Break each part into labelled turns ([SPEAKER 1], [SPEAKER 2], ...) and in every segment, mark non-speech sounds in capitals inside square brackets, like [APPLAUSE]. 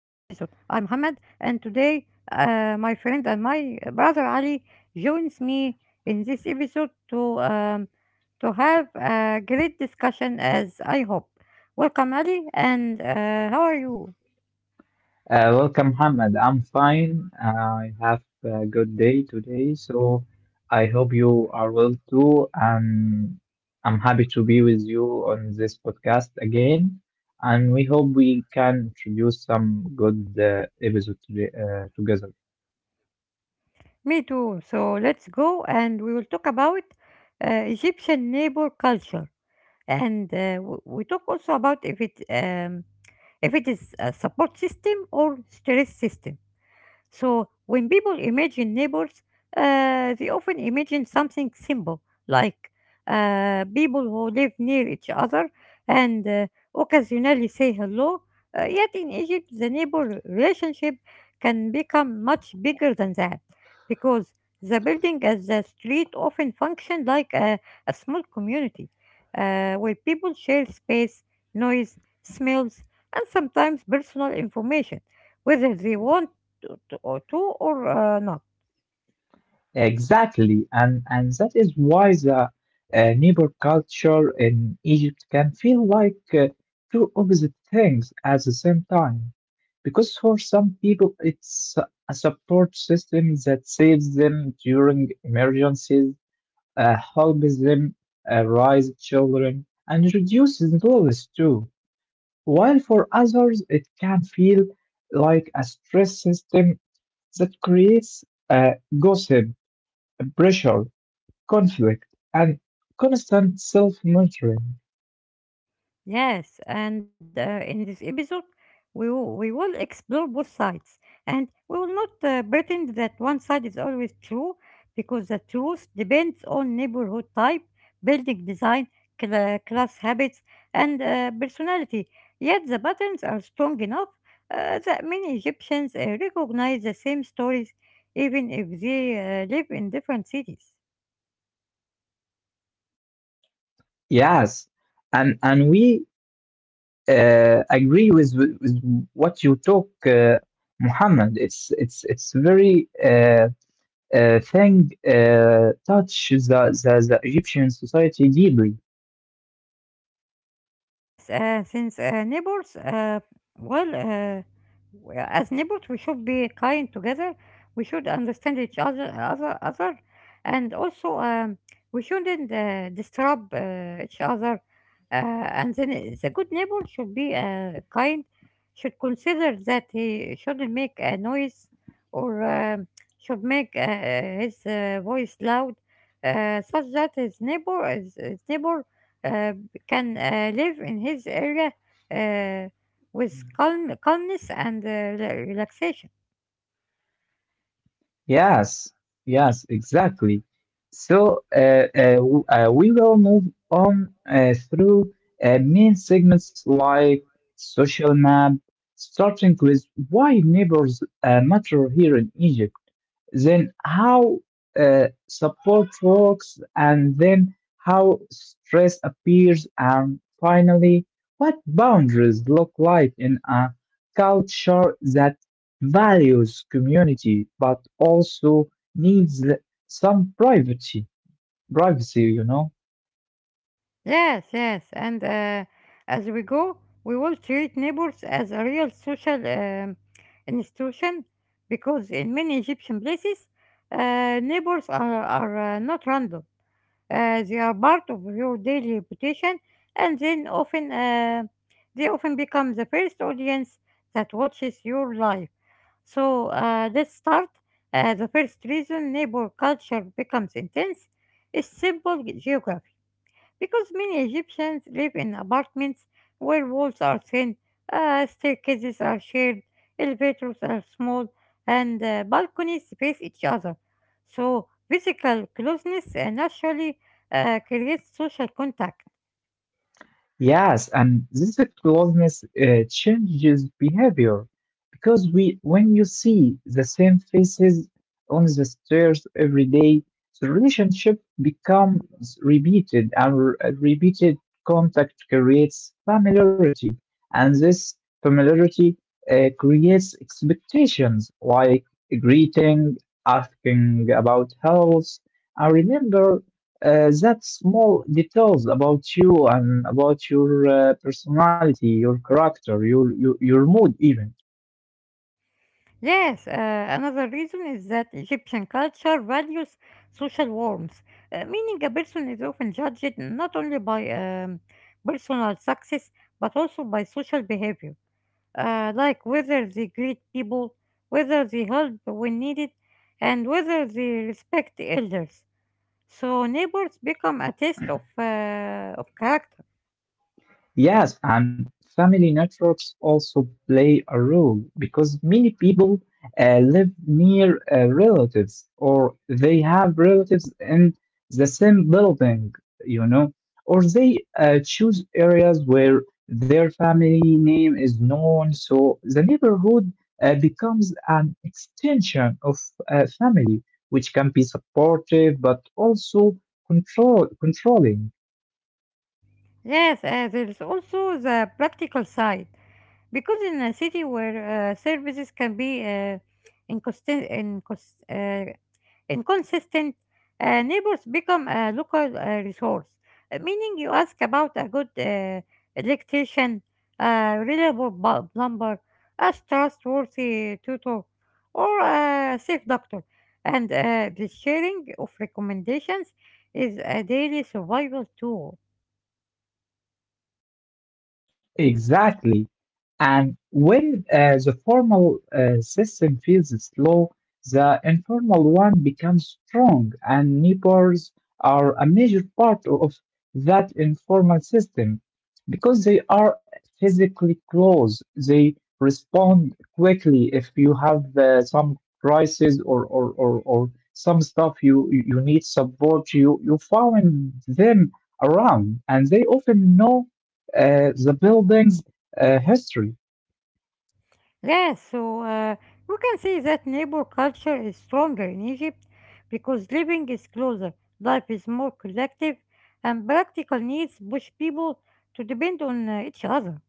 [SPEAKER 1] I'm Muhammad, and today my friend and my brother Ali joins me in this episode to have a great discussion, as I hope. Welcome, Ali, and how are you?
[SPEAKER 2] Welcome, Mohammed. I'm fine. I have a good day today, so I hope you are well too. And I'm happy to be with you on this podcast again. And we hope we can introduce some good episode today, together.
[SPEAKER 1] Me too. So let's go, and we will talk about Egyptian neighbor culture, and we talk also about if it is a support system or stress system. So, when people imagine neighbors, they often imagine something simple, like people who live near each other and occasionally say hello. Yet in Egypt, the neighbor relationship can become much bigger than that because the building as the street often function like a small community where people share space, noise, smells, and sometimes personal information, whether they want to or not.
[SPEAKER 2] Exactly, and that is why the neighbor culture in Egypt can feel like two opposite things at the same time. Because for some people, it's a support system that saves them during emergencies, helps them raise children, and reduces loss too. While for others, it can feel like a stress system that creates uh, gossip, pressure, conflict, and constant self monitoring.
[SPEAKER 1] Yes, and in this episode, we will explore both sides, and we will not pretend that one side is always true, because the truth depends on neighborhood type, building design, class habits, and personality. Yet the patterns are strong enough that many Egyptians recognize the same stories, even if they live in different cities.
[SPEAKER 2] Yes, and we agree with what you talk, Muhammad. It's very thing touch the, the Egyptian society deeply.
[SPEAKER 1] Yes, since neighbors, well, uh, as neighbors, we should be kind together. We should understand each other, and also we shouldn't disturb each other. Uh, the good neighbor should be kind, should consider that he shouldn't make a noise or should make his voice loud, such that his neighbor, his neighbor. Uh, can live in his area uh, with calmness and relaxation.
[SPEAKER 2] Yes, yes, exactly. So we will move on through main segments like social map, starting with why neighbors matter here in Egypt. Then how support works, and then how stress appears, and finally, what boundaries look like in a culture that values community but also needs some privacy. Privacy, you know.
[SPEAKER 1] Yes, yes. And as we go, we will treat neighbors as a real social institution because in many Egyptian places, neighbors are not random. They are part of your daily rotation, and then often they often become the first audience that watches your live. So let's start. The first reason neighbor culture becomes intense is simple geography because many Egyptians live in apartments where walls are thin, staircases are shared, elevators are small, and balconies face each other. So, physical closeness naturally creates social contact.
[SPEAKER 2] Yes, and this closeness changes behavior because we, when you see the same faces on the stairs every day, the relationship becomes repeated, and repeated contact creates familiarity, and this familiarity creates expectations like greeting, asking about health, and remember that small details about you and about your personality, your character, your, your mood even.
[SPEAKER 1] Yes, another reason is that Egyptian culture values social warmth, meaning a person is often judged not only by personal success but also by social behavior. Like whether they greet people, whether they help when needed, and whether they respect elders. So neighbors become a test of character.
[SPEAKER 2] Yes, and family networks also play a role because many people live near relatives or they have relatives in the same building, you know, or they choose areas where their family name is known. So the neighborhood becomes an extension of family, which can be supportive but also controlling.
[SPEAKER 1] Yes, there is also the practical side. Because in a city where services can be inconsistent, incons- uh, inconsistent neighbors become a local resource. Meaning, you ask about a good electrician, a reliable plumber, a trustworthy tutor, or a safe doctor. And the sharing of recommendations is a daily survival tool.
[SPEAKER 2] Exactly. And when the formal system feels slow, the informal one becomes strong, and neighbors are a major part of that informal system because they are physically close. They respond quickly if you have some crisis or, some stuff you, you need support, you find them around, and they often know the building's history.
[SPEAKER 1] Yes, so we can say that neighbor culture is stronger in Egypt because living is closer, life is more collective, and practical needs push people to depend on each other.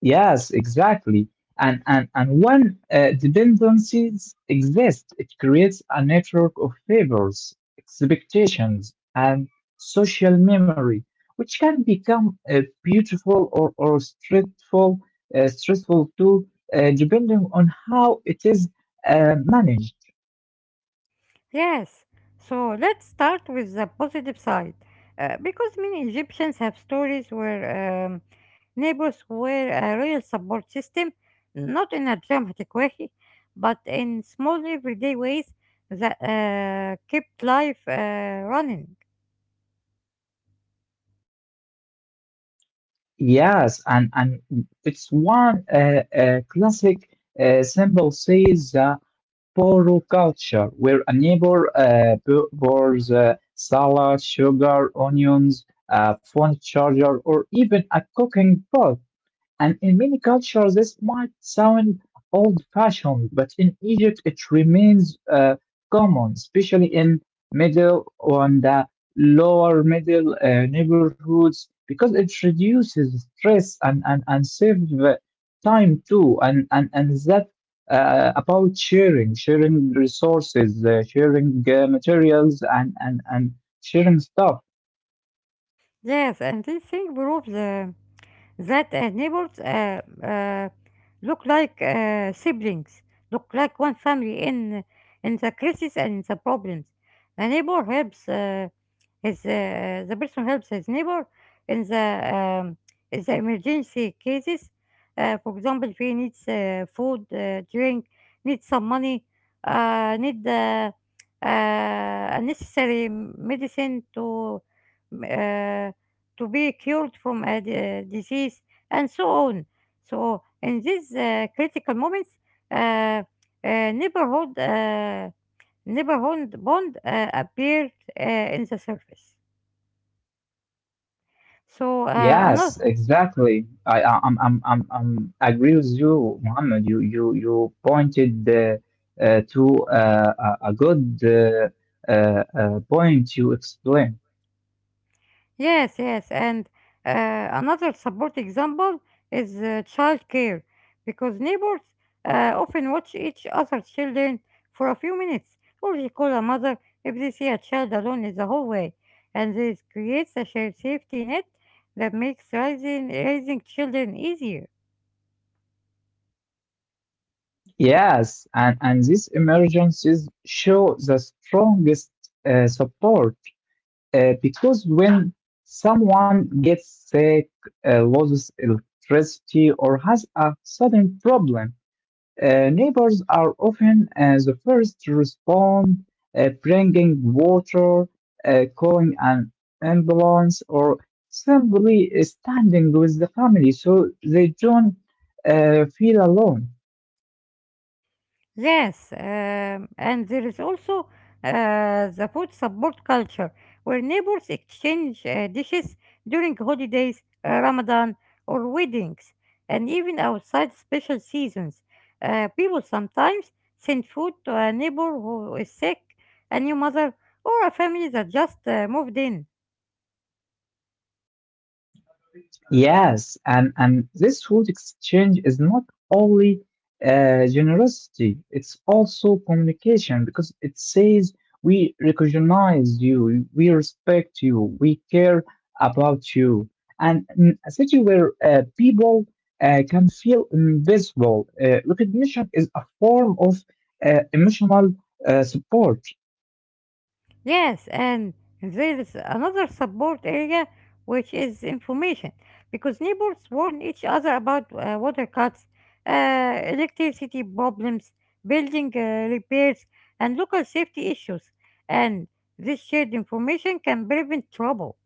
[SPEAKER 2] Yes, exactly. And when dependencies exist, it creates a network of favors, expectations, and social memory, which can become beautiful or stressful, uh, stressful too, depending on how it is managed.
[SPEAKER 1] Yes, so let's start with the positive side. Because many Egyptians have stories where neighbors were a real support system, not in a dramatic way, but in small everyday ways that kept life running.
[SPEAKER 2] Yes, and it's one classic symbol says poroculture, where a neighbor borrows salad, sugar, onions, a phone charger, or even a cooking pot. And in many cultures, this might sound old fashioned, but in Egypt, it remains common, especially in middle and the lower middle neighborhoods, because it reduces stress and save uh, time too. And that about sharing, sharing resources, sharing materials, and sharing stuff.
[SPEAKER 1] Yes, and this thing proves. That neighbors look like siblings, look like one family in the crisis and in the problems. The neighbor helps his the person helps his neighbor in the um, in the emergency cases. For example, if he needs food, drink, needs some money, need necessary medicine uh, to be cured from a disease, and so on. So, in these critical moments, uh, uh, neighborhood uh, neighborhood bond appeared uh, in the surface. So, another
[SPEAKER 2] Yes, exactly. I I'm I agree with you, Mohammed. You pointed to a good point you explained.
[SPEAKER 1] Yes, yes, and another support example is childcare, because neighbors often watch each other's children for a few minutes, or they call a mother if they see a child alone in the hallway, and this creates a shared safety net that makes raising children easier.
[SPEAKER 2] Yes, and these emergencies show the strongest support because when someone gets sick, loses electricity, or has a sudden problem. Neighbors are often the first to respond, bringing water, calling an ambulance, or simply standing with the family so they don't feel alone.
[SPEAKER 1] Yes, and there is also the food support culture, where neighbors exchange dishes during holidays, Ramadan, or weddings, and even outside special seasons. People sometimes send food to a neighbor who is sick, a new mother, or a family that just moved in.
[SPEAKER 2] Yes, and this food exchange is not only generosity, it's also communication because it says we recognize you, we respect you, we care about you. And in a city where people can feel invisible, recognition is a form of emotional support.
[SPEAKER 1] Yes, and there's another support area which is information because neighbors warn each other about water cuts, electricity problems, building repairs, and local safety issues. And this shared information can prevent trouble.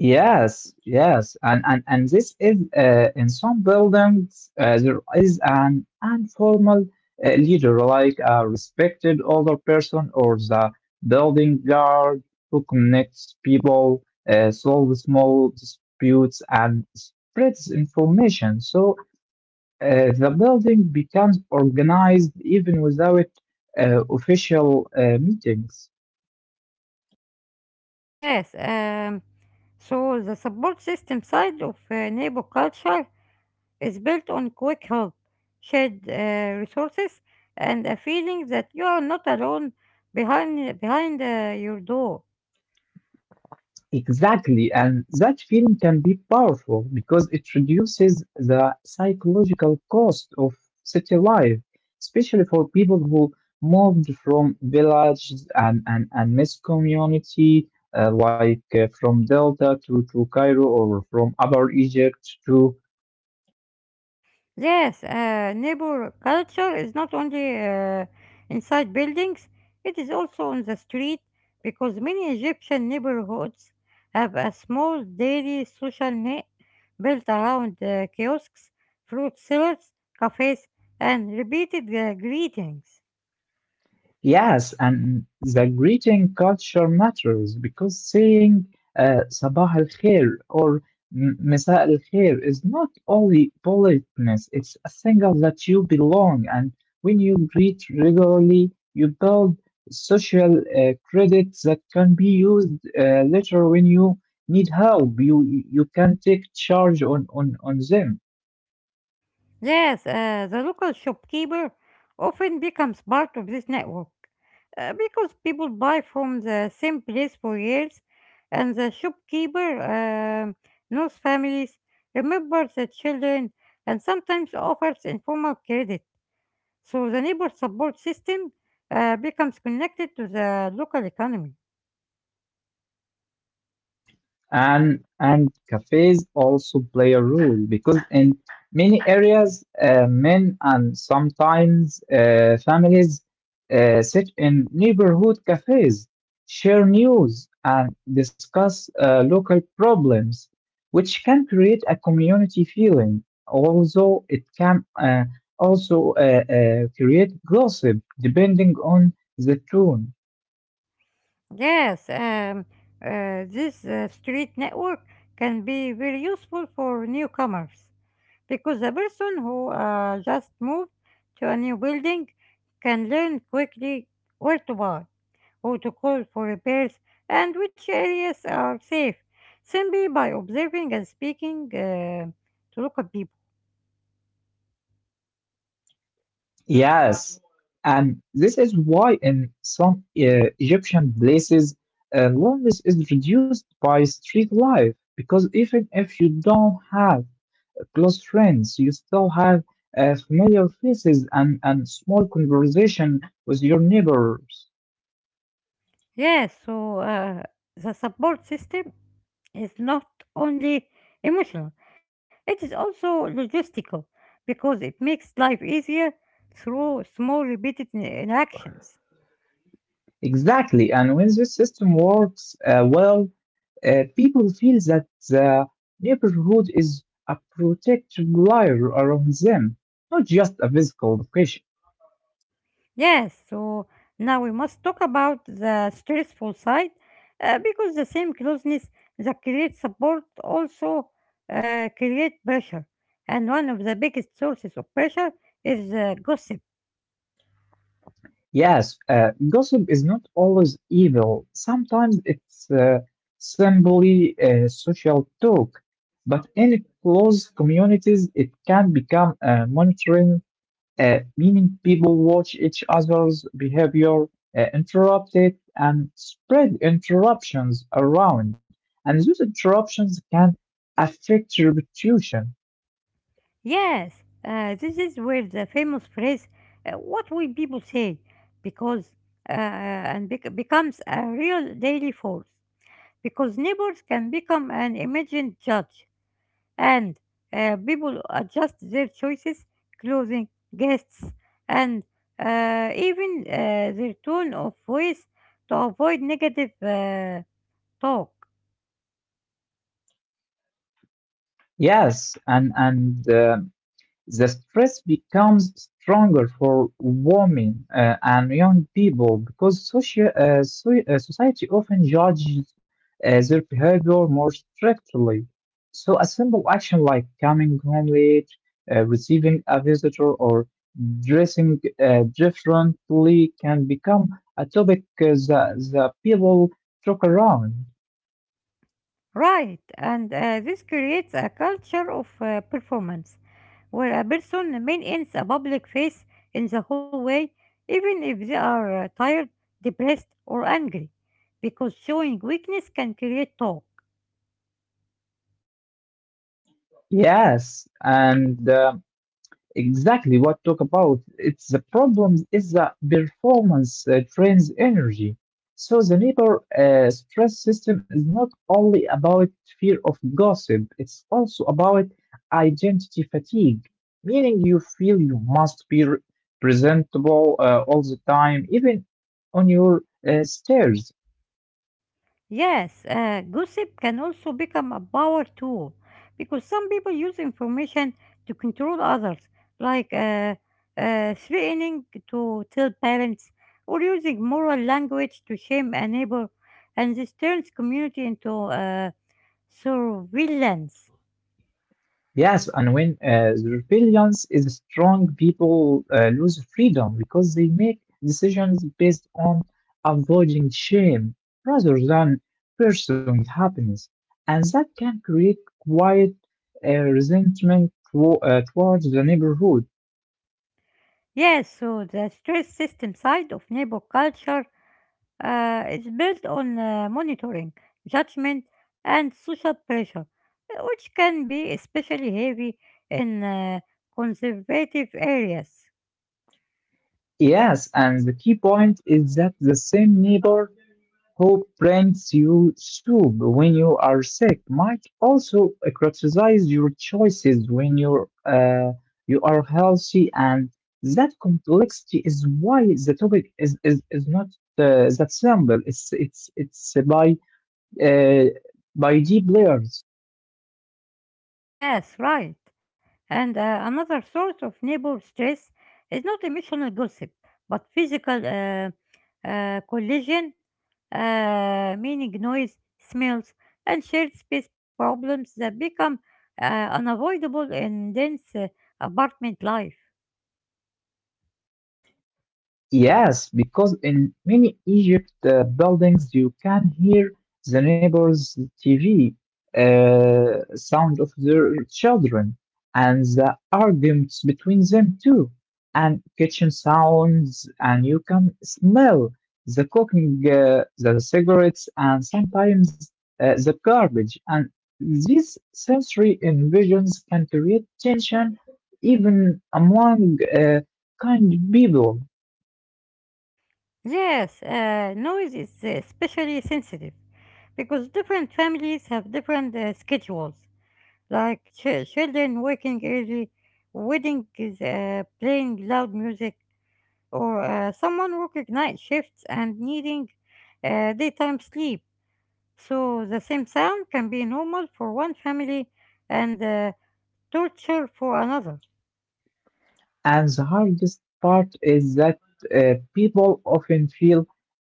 [SPEAKER 2] Yes, yes, and and this is in some buildings there is an informal leader, like a respected older person or the building guard who connects people, solves small disputes, and spreads information. So the building becomes organized even without official meetings.
[SPEAKER 1] Yes, so the support system side of neighbor culture is built on quick help, shared resources, and a feeling that you are not alone behind your door.
[SPEAKER 2] Exactly, and that feeling can be powerful because it reduces the psychological cost of city life, especially for people who moved from villages and mixed community, like from Delta to Cairo or from Upper Egypt to.
[SPEAKER 1] Yes, neighbor culture is not only inside buildings; it is also on the street because many Egyptian neighborhoods have a small daily social net built around kiosks, fruit sellers, cafes, and repeated greetings.
[SPEAKER 2] Yes, and the greeting culture matters because saying Sabah al Khair or Masa al Khair is not only politeness, it's a signal that you belong. And when you greet regularly, you build social credit that can be used later when you need help. You can take charge on, them.
[SPEAKER 1] Yes, the local shopkeeper often becomes part of this network because people buy from the same place for years, and the shopkeeper knows families, remembers the children, and sometimes offers informal credit. So the neighbor support system becomes connected to the local economy.
[SPEAKER 2] And cafes also play a role because in many areas men and sometimes families sit in neighborhood cafes, share news and discuss local problems, which can create a community feeling, although it can also create gossip depending on the tone.
[SPEAKER 1] Yes, this street network can be very useful for newcomers. Because the person who just moved to a new building can learn quickly where to buy, who to call for repairs, and which areas are safe simply by observing and speaking to local people.
[SPEAKER 2] Yes, and this is why in some Egyptian places, loneliness is reduced by street life because even if you don't have close friends, you still have familiar faces and small conversation with your neighbors.
[SPEAKER 1] Yes, so the support system is not only emotional, it is also logistical because it makes life easier through small repeated interactions.
[SPEAKER 2] Exactly, and when this system works well, people feel that the neighborhood is a protective layer around them, not just a physical location.
[SPEAKER 1] Yes, so now we must talk about the stressful side because the same closeness that creates support also create pressure. And one of the biggest sources of pressure is gossip.
[SPEAKER 2] Yes, gossip is not always evil. Sometimes it's simply social talk. But in close communities, it can become monitoring, meaning people watch each other's behavior, interrupt it, and spread interruptions around. And those interruptions can affect reputation.
[SPEAKER 1] Yes, this is where the famous phrase, what will people say, because becomes a real daily force. Because neighbors can become an imagined judge and people adjust their choices, clothing, guests, and even their tone of voice to avoid negative talk.
[SPEAKER 2] Yes, and the stress becomes stronger for women and young people because society often judges their behavior more strictly. So a simple action like coming home late, receiving a visitor, or dressing differently can become a topic that people talk around.
[SPEAKER 1] Right, and this creates a culture of performance where a person maintains a public face in the hallway even if they are tired, depressed, or angry, because showing weakness can create talk.
[SPEAKER 2] Yes, and the Exactly what talk about. It's the problem is the performance drains energy. So the neighbor stress system is not only about fear of gossip, it's also about identity fatigue, meaning you feel you must be presentable all the time, even on your stairs.
[SPEAKER 1] Yes, gossip can also become a power tool because some people use information to control others, like threatening to tell parents or using moral language to shame a neighbor, and this turns community into surveillance.
[SPEAKER 2] Yes, and when the rebellions is strong, people lose freedom because they make decisions based on avoiding shame rather than pursuing happiness. And that can create quiet resentment towards the neighborhood.
[SPEAKER 1] Yes, so the stress system side of neighbor culture is built on monitoring, judgment, and social pressure, which can be especially heavy in conservative areas.
[SPEAKER 2] Yes, and the key point is that the same neighbor who brings you soup when you are sick might also criticize your choices when you are healthy, and that complexity is why the topic is not that simple. It's uh, by deep layers.
[SPEAKER 1] Yes, right. And another source of neighbor stress is not emotional gossip, but physical collision, meaning noise, smells, and shared space problems that become unavoidable in dense apartment life.
[SPEAKER 2] Yes, because in many Egypt buildings you can hear the neighbors' TV sound of their children and the arguments between them too, and kitchen sounds, and you can smell the cooking, the cigarettes, and sometimes the garbage. And these sensory invasions can create tension even among kind people.
[SPEAKER 1] Yes, noise is especially sensitive because different families have different schedules, like children waking early, wedding is playing loud music, or someone working night shifts and needing daytime sleep. So the same sound can be normal for one family and torture for another.
[SPEAKER 2] And the hardest part is that people often feel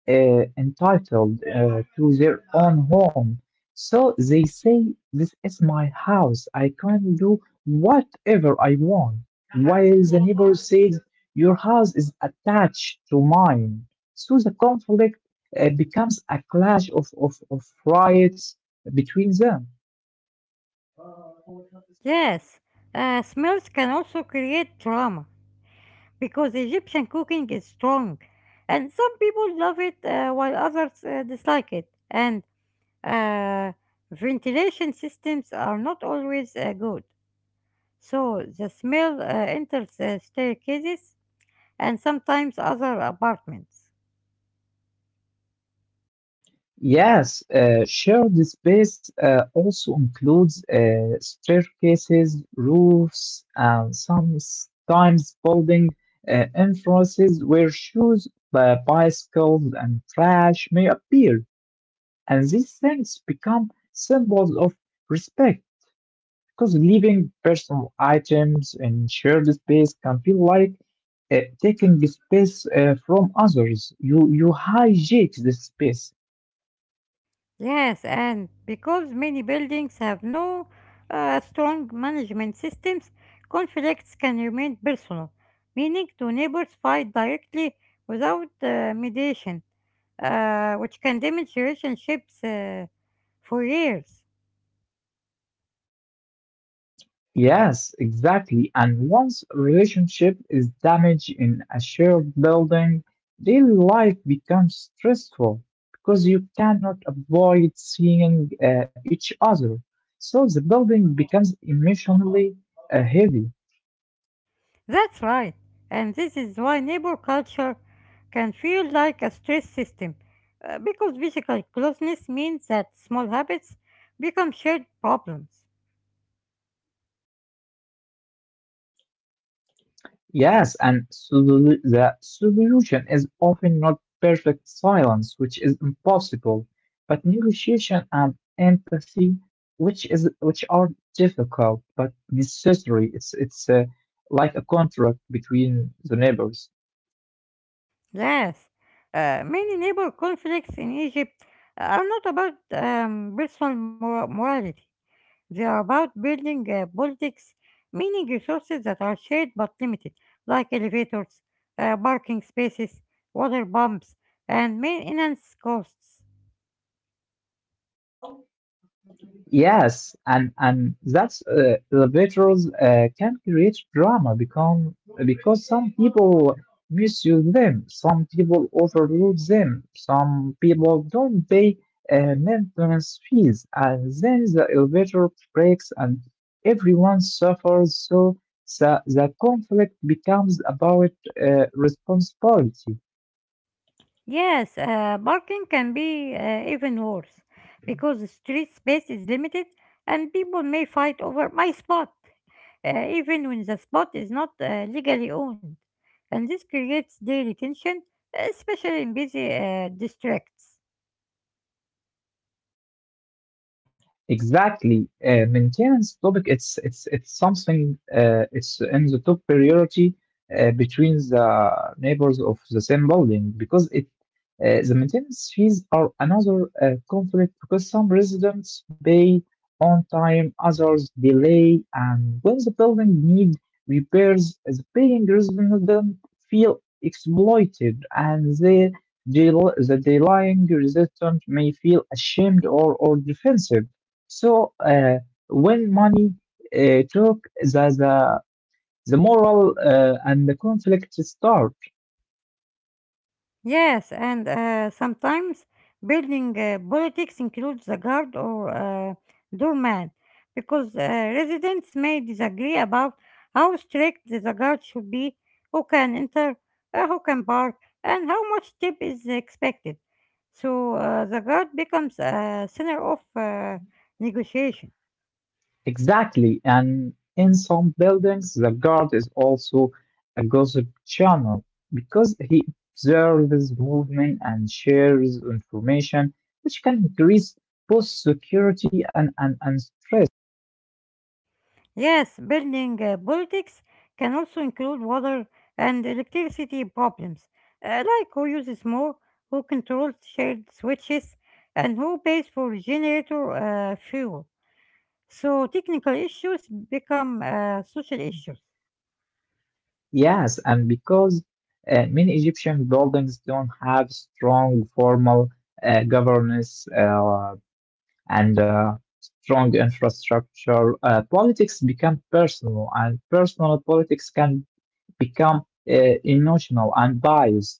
[SPEAKER 2] entitled to their own home. So they say, this is my house. I can do whatever I want. While the neighbor says, your house is attached to mine. So the conflict becomes a clash of rights between them.
[SPEAKER 1] Yes, smells can also create trauma because Egyptian cooking is strong, and some people love it while others dislike it. And uh, ventilation systems are not always good, so the smell enters staircases and sometimes other apartments.
[SPEAKER 2] Yes, shared space also includes staircases, roofs, and sometimes building entrances where shoes, bicycles, and trash may appear. And these things become symbols of respect because leaving personal items in shared space can feel like taking the space from others. You hijack the space.
[SPEAKER 1] Yes, and because many buildings have no strong management systems, conflicts can remain personal, meaning two neighbors fight directly without mediation which can damage relationships for years.
[SPEAKER 2] Yes, exactly. And once a relationship is damaged in a shared building, daily life becomes stressful because you cannot avoid seeing each other. So the building becomes emotionally heavy.
[SPEAKER 1] That's right, and this is why neighbor culture can feel like a stress system, because physical closeness means that small habits become shared problems.
[SPEAKER 2] Yes, and the solution is often not perfect silence, which is impossible, but negotiation and empathy, which are difficult but necessary. It's like a contract between the neighbors.
[SPEAKER 1] Yes, many neighbor conflicts in Egypt are not about personal morality. They are about building politics, meaning resources that are shared but limited, like elevators, parking spaces, water pumps, and maintenance costs.
[SPEAKER 2] Yes, and that's elevators can create drama become because some people misuse them, some people overload them, some people don't pay maintenance fees, and then the elevator breaks and everyone suffers. So the conflict becomes about responsibility.
[SPEAKER 1] Yes, parking can be even worse because the street space is limited and people may fight over my spot, even when the spot is not legally owned. And this creates daily tension, especially in busy districts.
[SPEAKER 2] Exactly. Maintenance topic, it's something it's in the top priority between the neighbors of the same building because it the maintenance fees are another conflict because some residents pay on time, others delay, and when the building need repairs, the paying resident feel exploited, and they the delaying resident may feel ashamed or defensive. So when money talk, the moral and the conflict start.
[SPEAKER 1] Yes, and sometimes building politics includes a guard or a doorman because residents may disagree about how strict the guard should be, who can enter, who can park, and how much tip is expected. So the guard becomes a center of negotiation.
[SPEAKER 2] Exactly. And in some buildings, the guard is also a gossip channel because he observes movement and shares information, which can increase both security and and stress.
[SPEAKER 1] Yes, building politics can also include water and electricity problems, like who uses more, who controls shared switches, and who pays for generator fuel. So technical issues become social issues.
[SPEAKER 2] Yes, and because many Egyptian buildings don't have strong formal governance. And strong infrastructure, politics become personal, and personal politics can become emotional and biased.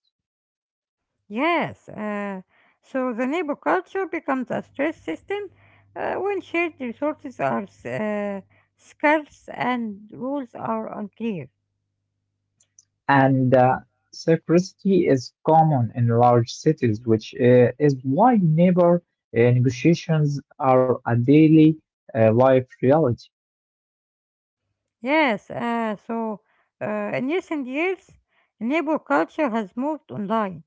[SPEAKER 1] Yes, so the neighbor culture becomes a stress system when shared resources are s- scarce and rules are unclear.
[SPEAKER 2] And secrecy is common in large cities, which is why neighbor negotiations are a daily life reality.
[SPEAKER 1] Yes, so in recent years, neighbor culture has moved online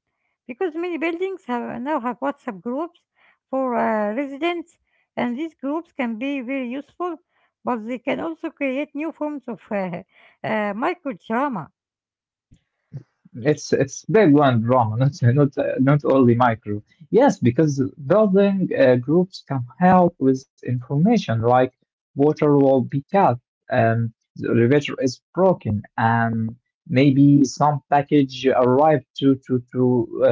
[SPEAKER 1] because many buildings have now have WhatsApp groups for residents, and these groups can be very useful, but they can also create new forms of micro drama.
[SPEAKER 2] It's big one drama, [LAUGHS] not only micro. Yes, because building groups can help with information like water will be cut, the elevator is broken, and maybe some package arrived to to to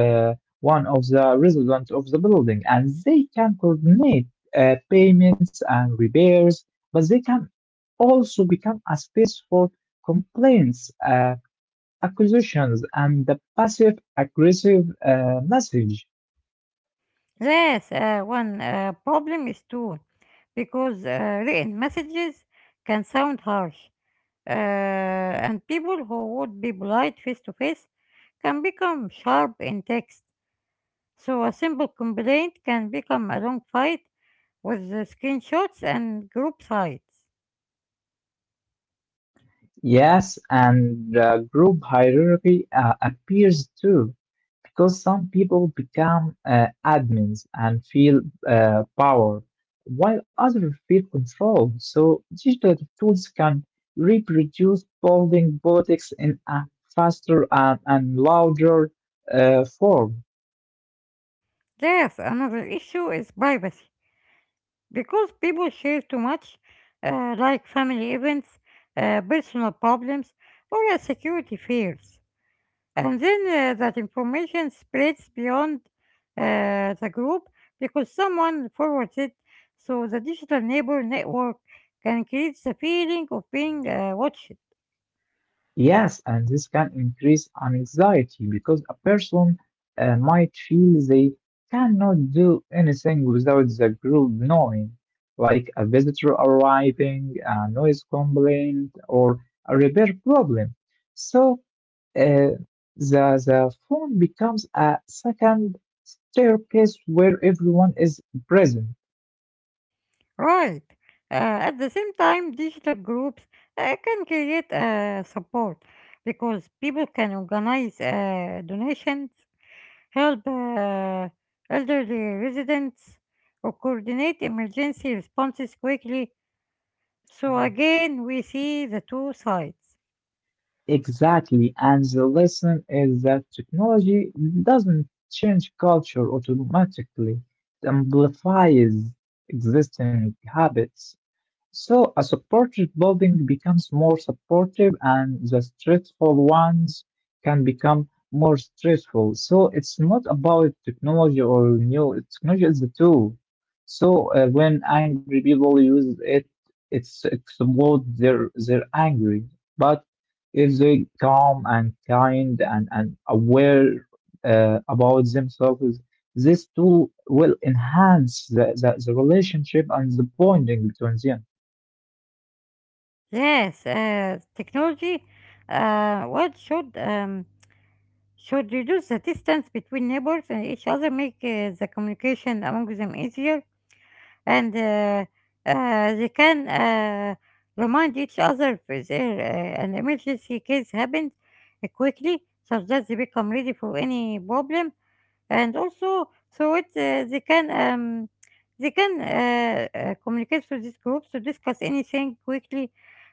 [SPEAKER 2] uh, one of the residents of the building, and they can coordinate payments and repairs, but they can also become a space for complaints. Acquisitions and the passive aggressive message.
[SPEAKER 1] Yes, one problem is too because written messages can sound harsh, and people who would be polite face to face can become sharp in text. So a simple complaint can become a long fight with the screenshots and group sites.
[SPEAKER 2] Yes, and group hierarchy appears too, because some people become admins and feel power, while others feel control. So digital tools can reproduce building politics in a faster and louder form.
[SPEAKER 1] There's another issue is privacy. Because people share too much, like family events, personal problems, or security fears. And then that information spreads beyond the group because someone forwards it. So the digital neighbor network can create the feeling of being watched.
[SPEAKER 2] Yes, and this can increase anxiety because a person might feel they cannot do anything without the group knowing, like a visitor arriving, a noise complaint, or a repair problem. So uh, the phone becomes a second staircase where everyone is present.
[SPEAKER 1] Right. At the same time, digital groups can create support because people can organize donations, help elderly residents, or coordinate emergency responses quickly. So again, we see the two sides.
[SPEAKER 2] Exactly. And the lesson is that technology doesn't change culture automatically, it amplifies existing habits. So a supported building becomes more supportive and the stressful ones can become more stressful. So it's not about technology or new technology is the tool. So when angry people use it, it's explode their angry. But if they calm and kind and aware about themselves, this tool will enhance the relationship and the bonding between them.
[SPEAKER 1] Yes, technology. What should reduce the distance between neighbors and each other, make the communication among them easier, and they can remind each other if there an emergency case happens quickly, so that they become ready for any problem, and also through it they can communicate through these groups to discuss anything quickly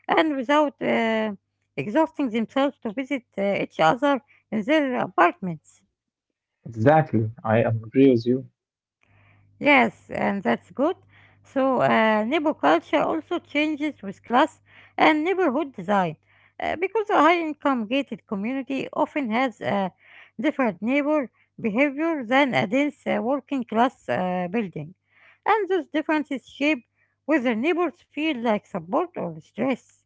[SPEAKER 1] and without exhausting themselves to visit each other in their apartments.
[SPEAKER 2] Exactly, I agree with you.
[SPEAKER 1] Yes, and that's good. So, neighbor culture also changes with class and neighborhood design because a high income gated community often has a different neighbor behavior than a dense working class building. And those differences shape whether neighbors feel like support or stress.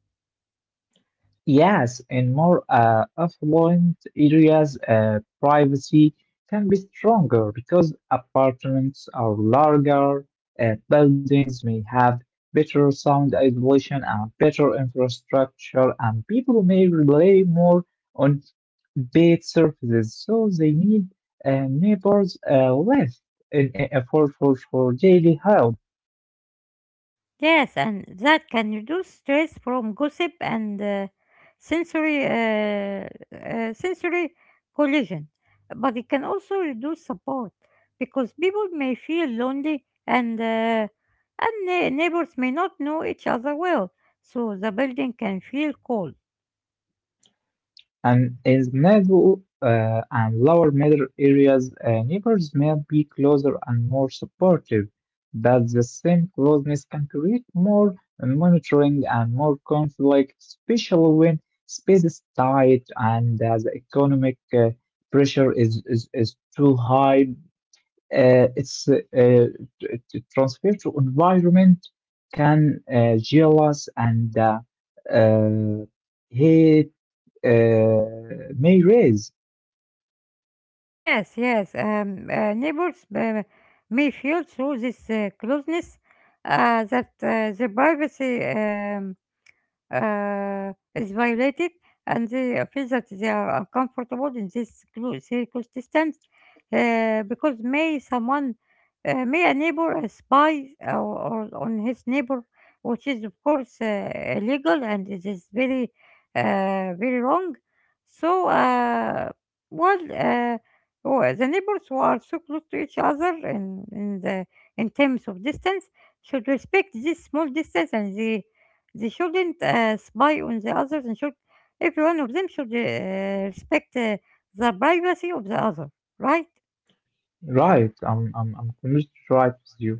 [SPEAKER 2] Yes, in more affluent areas, privacy can be stronger because apartments are larger, buildings may have better sound isolation and better infrastructure, and people may rely more on paid services, so they need neighbors less in, for, for daily help.
[SPEAKER 1] Yes, and that can reduce stress from gossip and sensory uh, sensory collision. But it can also reduce support because people may feel lonely and neighbors may not know each other well, so the building can feel cold.
[SPEAKER 2] And in the middle and lower middle areas, neighbors may be closer and more supportive, but the same closeness can create more monitoring and more conflict, especially when space is tight and the economic pressure is too high. آه، its transfer to environment can jealous and uh, hate may raise.
[SPEAKER 1] Yes, yes, neighbors may feel through this closeness that the privacy is violated, and they feel that they are uncomfortable in this circumstance because may someone may a neighbor a spy or on his neighbor, which is of course illegal, and it is very very wrong. So well uh, well, the neighbors who are so close to each other in the in terms of distance should respect this small distance, and they shouldn't spy on the others, and should every one of them should respect the privacy of the other, right?
[SPEAKER 2] Right, I'm completely right with you.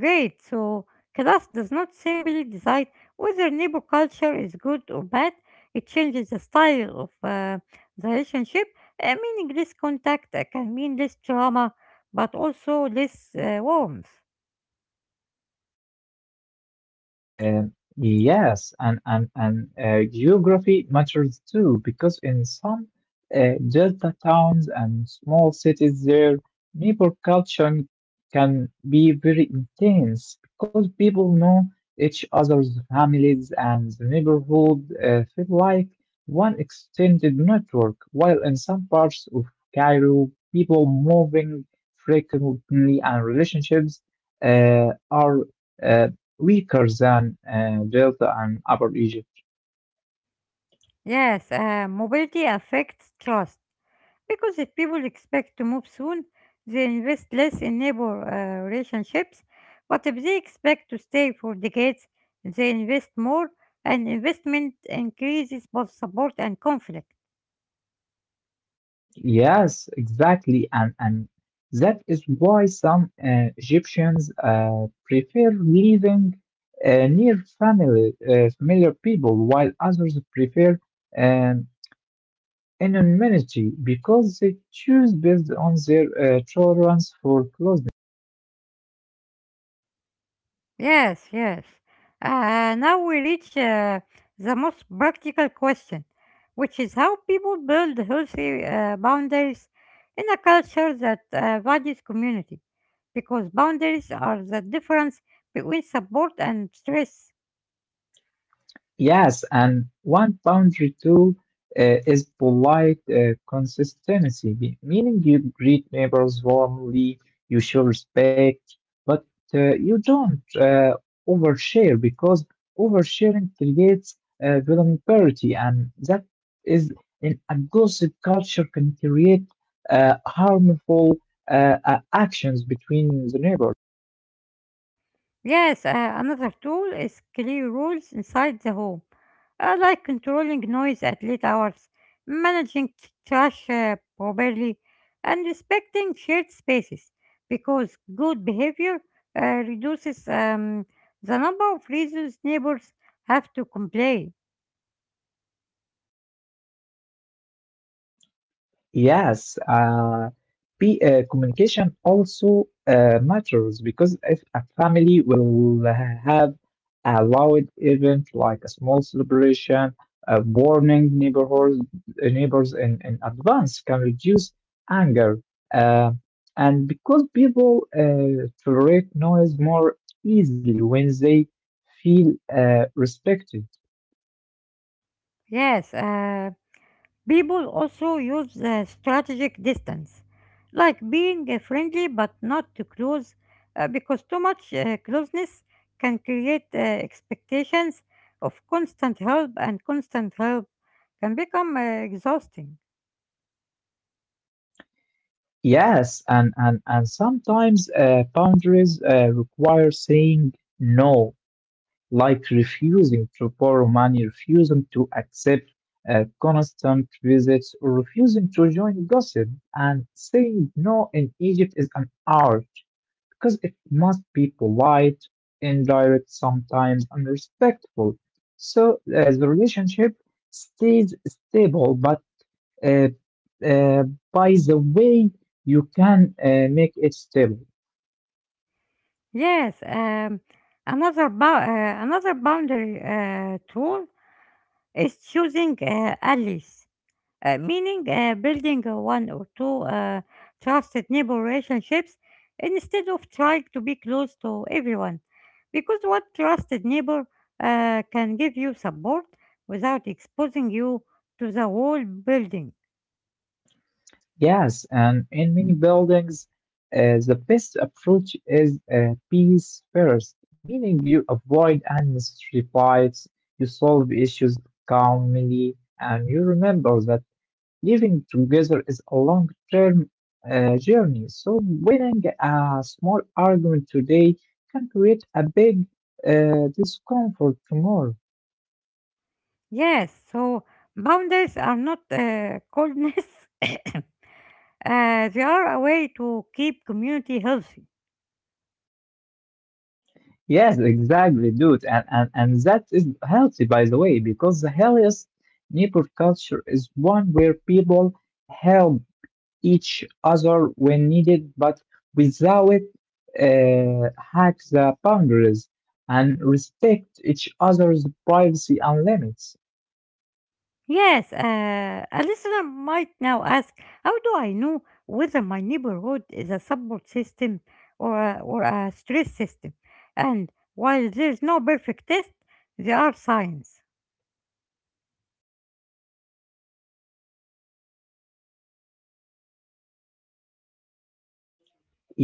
[SPEAKER 1] Great. So class does not simply decide whether neighbor culture is good or bad. It changes the style of the relationship. Meaning less contact can mean less drama, but also less warmth.
[SPEAKER 2] Yes, and geography matters too because in some delta towns and small cities, their neighbor culture can be very intense because people know each other's families and the neighborhood feel like one extended network. While in some parts of Cairo, people moving frequently and relationships are uh, weaker than Delta and Upper Egypt.
[SPEAKER 1] Yes, mobility affects trust. Because if people expect to move soon, they invest less in neighbor relationships. But if they expect to stay for decades, they invest more, and investment increases both support and conflict.
[SPEAKER 2] Yes, exactly, and that is why some Egyptians prefer living near family, familiar people, while others prefer um, anonymity because they choose based on their tolerance for closeness.
[SPEAKER 1] Yes, yes. Now we reach the most practical question, which is how people build healthy boundaries in a culture that values community, because boundaries are the difference between support and stress.
[SPEAKER 2] Yes, and one boundary too is polite consistency, meaning you greet neighbors warmly, you show respect, but you don't overshare because oversharing creates vulnerability, and that is in a gossip culture can create harmful actions between the neighbors.
[SPEAKER 1] Yes, another tool is clear rules inside the home, like controlling noise at late hours, managing trash properly, and respecting shared spaces, because good behavior reduces the number of reasons neighbors have to complain.
[SPEAKER 2] Yes, communication also matters because if a family will have a loud event like a small celebration, warning neighbors in advance can reduce anger, uh, and because people tolerate noise more easily when they feel respected.
[SPEAKER 1] Yes, people also use strategic distance, like being friendly but not too close, because too much closeness can create expectations of constant help, and constant help can become exhausting.
[SPEAKER 2] Yes, and sometimes boundaries require saying no, like refusing to borrow money, refusing to accept constant visits, or refusing to join gossip. And saying no in Egypt is an art because it must be polite, indirect sometimes, and respectful. So the relationship stays stable, but uh, uh, by the way, you can make it stable.
[SPEAKER 1] Yes, another boundary tool is choosing allies meaning building a one or two trusted neighbor relationships instead of trying to be close to everyone. Because one trusted neighbor can give you support without exposing you to the whole building.
[SPEAKER 2] Yes, and in many buildings, the best approach is peace first, meaning you avoid unnecessary fights, you solve issues calmly, and you remember that living together is a long-term journey. So winning a small argument today can create a big discomfort tomorrow.
[SPEAKER 1] Yes, so boundaries are not [LAUGHS] coldness, [COUGHS] uh, they are a way to keep community healthy.
[SPEAKER 2] Yes, exactly, dude. And that is healthy, by the way, because the healthiest neighbor culture is one where people help each other when needed, but without hack the boundaries and respect each other's privacy and limits.
[SPEAKER 1] Yes, a listener might now ask, how do I know whether my neighborhood is a support system or a stress system? And while there's no perfect test, there are signs.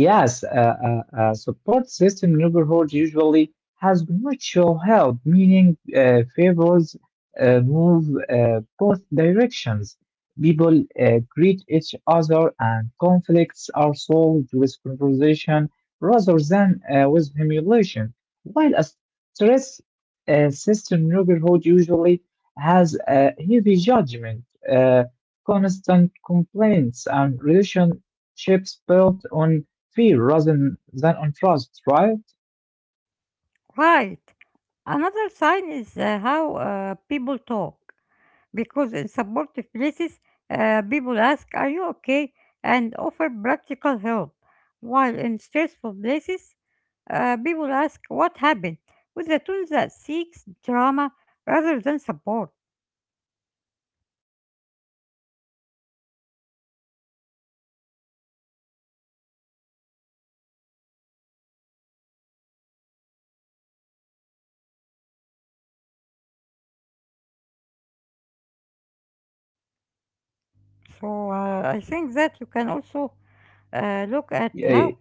[SPEAKER 2] Yes, a support system neighborhood usually has mutual help, meaning favors move both directions. People greet each other, and conflicts are solved with conversation rather than with humiliation. While a stress system neighborhood usually has a heavy judgment, uh, constant complaints, and relationships built on fear rather than on trust, right?
[SPEAKER 1] Right. Another sign is how people talk, because in supportive places, people ask, "Are you okay?" and offer practical help, while in stressful places, people ask, "What happened?" with a tone that seeks drama rather than support. So I think that you can also look at
[SPEAKER 2] Yeah,
[SPEAKER 1] how.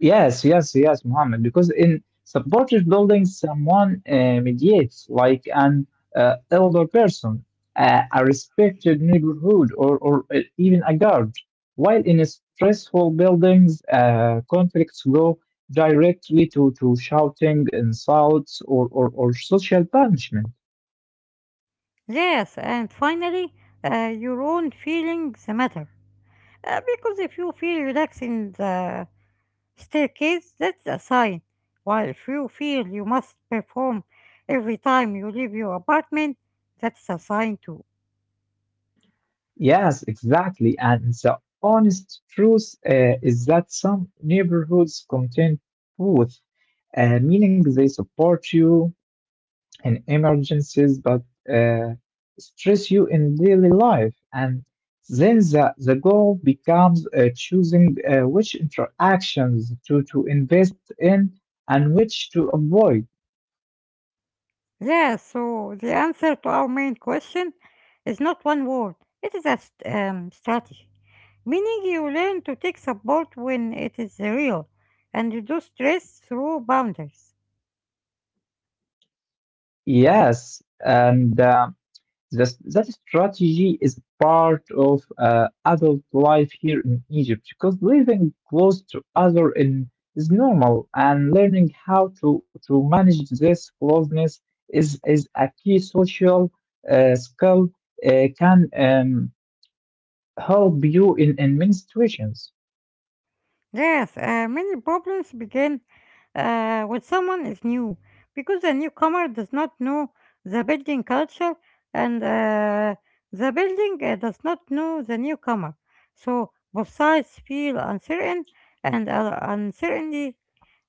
[SPEAKER 2] yes, Mohammed. Because in supportive buildings, someone mediates, like an elder person, a respected neighborhood, or even a guard. While in stressful buildings, conflicts go directly to shouting, insults, or social punishment.
[SPEAKER 1] Yes, and finally, your own feelings matter. Because if you feel relaxed in the staircase, that's a sign. While if you feel you must perform every time you leave your apartment, that's a sign too.
[SPEAKER 2] Yes, exactly. And the honest truth is that some neighborhoods contain both, meaning they support you in emergencies but uh, stress you in daily life. And then the goal becomes choosing which interactions to invest in and which to avoid.
[SPEAKER 1] Yeah, so the answer to our main question is not one word, it is a strategy. Meaning you learn to take support when it is real and reduce stress through boundaries.
[SPEAKER 2] Yes, and that strategy is part of adult life here in Egypt because living close to other in, is normal and learning how to manage this closeness is a key social skill can help you in many situations.
[SPEAKER 1] Yes, many problems begin when someone is new, because the newcomer does not know the building culture, and the building does not know the newcomer. So both sides feel uncertain, and uncertainty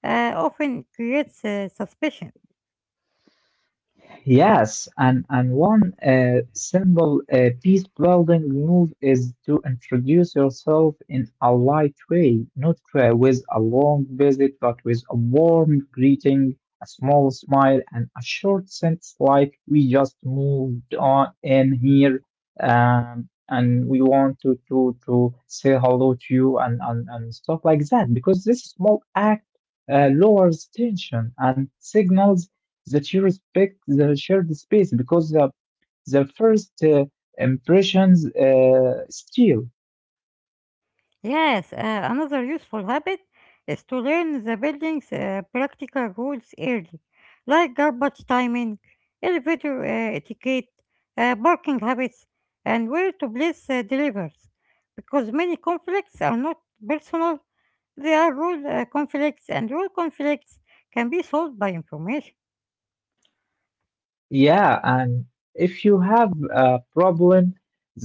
[SPEAKER 1] often creates suspicion.
[SPEAKER 2] Yes, and one simple peace building move is to introduce yourself in a light way, not with a long visit, but with a warm greeting, a small smile, and a short sentence like, "We just moved on in here, and we want to say hello to you," and stuff like that. Because this small act lowers tension and signals that you respect the shared space because the first impressions still.
[SPEAKER 1] Yes, another useful habit is to learn the building's practical rules early, like garbage timing, elevator etiquette, parking habits, and where to place deliveries. Because many conflicts are not personal, they are rule conflicts, and rule conflicts can be solved by information.
[SPEAKER 2] Yeah, and if you have a problem,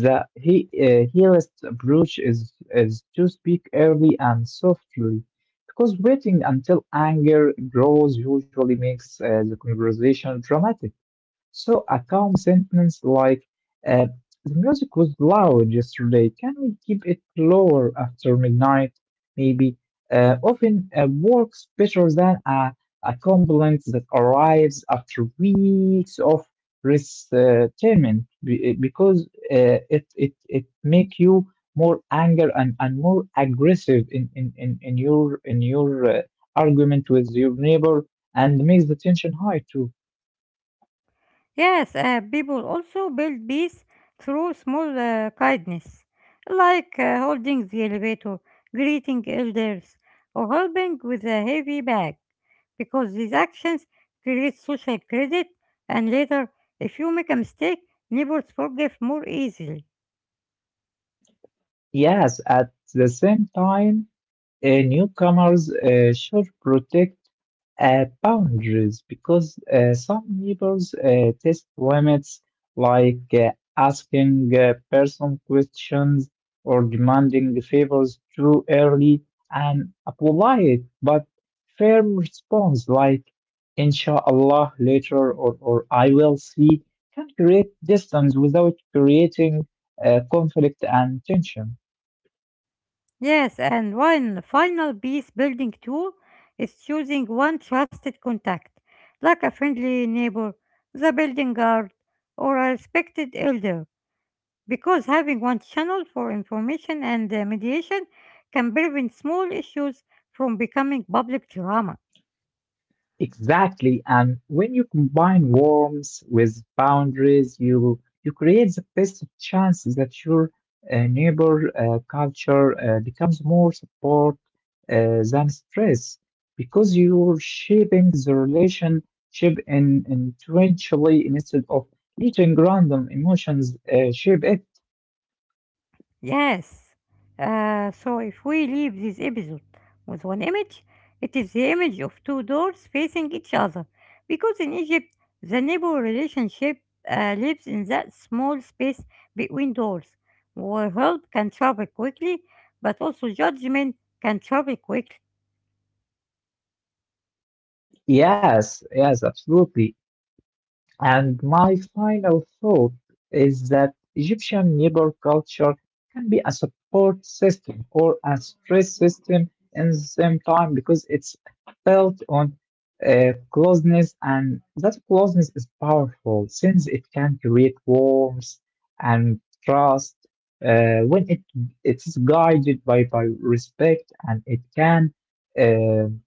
[SPEAKER 2] the he healest approach is to speak early and softly because waiting until anger grows usually makes the conversation dramatic. So a calm sentence like, uh, "The music was loud yesterday. Can we keep it lower after midnight? Maybe." Often works better than a compliment that arrives after weeks of resentment, because it make you more anger and more aggressive in your argument with your neighbor and makes the tension high too.
[SPEAKER 1] Yes, people also build peace through small kindness, like holding the elevator, greeting elders, or helping with a heavy bag, because these actions create social credit, and later, if you make a mistake, neighbors forgive more easily.
[SPEAKER 2] Yes, at the same time, newcomers should protect boundaries because some neighbors test limits like asking personal questions or demanding favors too early, and a polite but firm response like "inshallah later" or "I will see" can create distance without creating conflict and tension.
[SPEAKER 1] Yes, and one final peace building tool is choosing one trusted contact, like a friendly neighbor, the building guard, or a respected elder, because having one channel for information and mediation can prevent small issues from becoming public drama.
[SPEAKER 2] Exactly. And when you combine warmth with boundaries, you create the best chance that your neighbor culture becomes more support than stress because you're shaping the relationship in, intentionally instead of letting random emotions shape it.
[SPEAKER 1] Yes. So if we leave this episode with one image, it is the image of two doors facing each other, because in Egypt the neighbor relationship lives in that small space between doors, where help can travel quickly, but also judgment can travel quickly.
[SPEAKER 2] Yes, yes, absolutely. And my final thought is that Egyptian neighbor culture can be a support system or a stress system in the same time because it's built on closeness, and that closeness is powerful since it can create warmth and trust when it is guided by respect, and it can um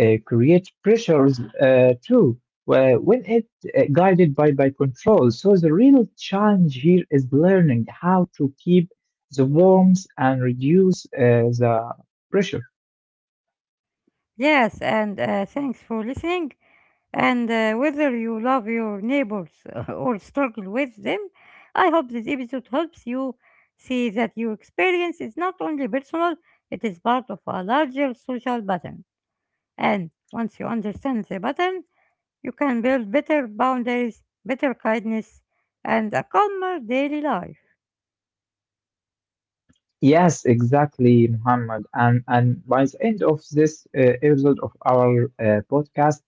[SPEAKER 2] create pressures too. Well, when it guided by control. So the real challenge here is learning how to keep the warmth and reduce the pressure.
[SPEAKER 1] Yes, and thanks for listening. And whether you love your neighbors [LAUGHS] or struggle with them, I hope this episode helps you see that your experience is not only personal, it is part of a larger social pattern. And once you understand the pattern, you can build better boundaries, better kindness, and a calmer daily life.
[SPEAKER 2] Yes, exactly, Muhammad. And by the end of this episode of our podcast,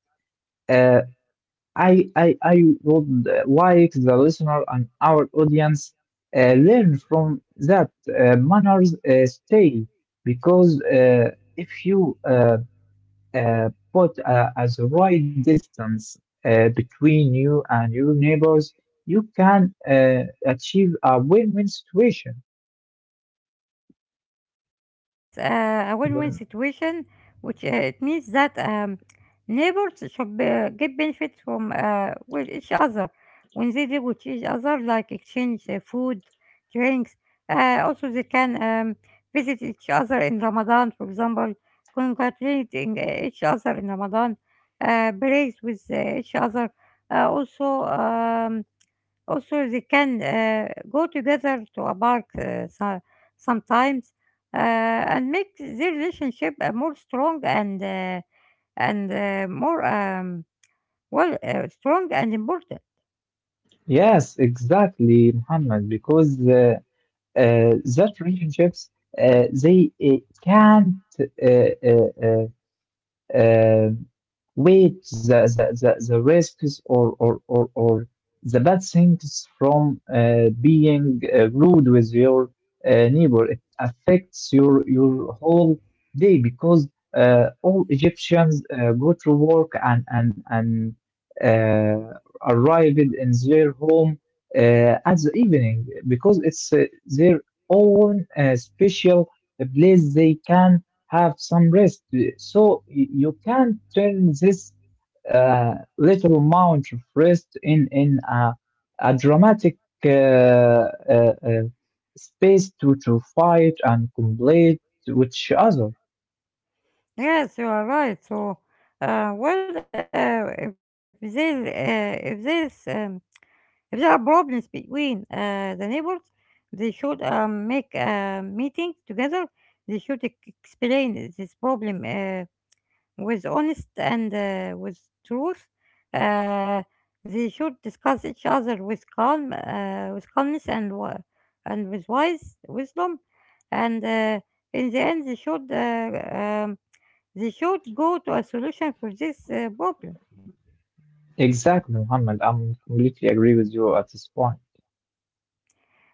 [SPEAKER 2] uh, I would like the listener and our audience learn from that manners stay because if you put as the right distance between you and your neighbors, you can achieve a win-win situation.
[SPEAKER 1] A win-win
[SPEAKER 2] When-
[SPEAKER 1] situation, which it means that neighbors should get benefits from with each other when they live with each other, like exchange food, drinks. Also, they can visit each other in Ramadan, for example, congratulating each other in Ramadan, praise with each other. Uh, also. Um, Also, they can go together to a park sometimes uh, and make their relationship more strong and more strong and important.
[SPEAKER 2] yes, exactly, Muhammad, because uh, that relationships they can't uh, uh, uh, uh, weight the risks, or the bad things from being rude with your neighbor. It affects your whole day because all Egyptians go to work and uh, arrived in their home at the evening because it's their own special place they can have some rest. So you can turn this little amount of rest in a dramatic uh, uh, uh, space to fight and complete with each other.
[SPEAKER 1] Yes, you are right. So, if there is if there are problems between the neighbors, they should make a meeting together. They should explain this problem. With honest and with truth. Uh, they should discuss each other with calm, with calmness and and with wise wisdom. And in the end, they should go to a solution for this problem.
[SPEAKER 2] Exactly, Muhammad. I'm completely agree with you at this point.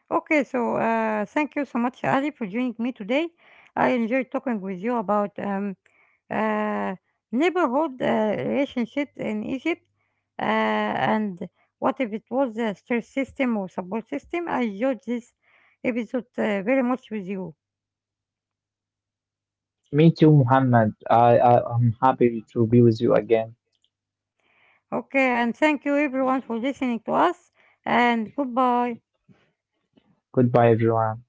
[SPEAKER 1] Okay, so thank you so much, Ali, for joining me today. I enjoyed talking with you about uh, neighborhood relationships in Egypt and what if it was a stress system or support system. I enjoyed this episode very much with you.
[SPEAKER 2] Me too, Muhammad. I'm happy to be with you again.
[SPEAKER 1] Okay, and thank you everyone for listening to us, and goodbye.
[SPEAKER 2] Goodbye, everyone.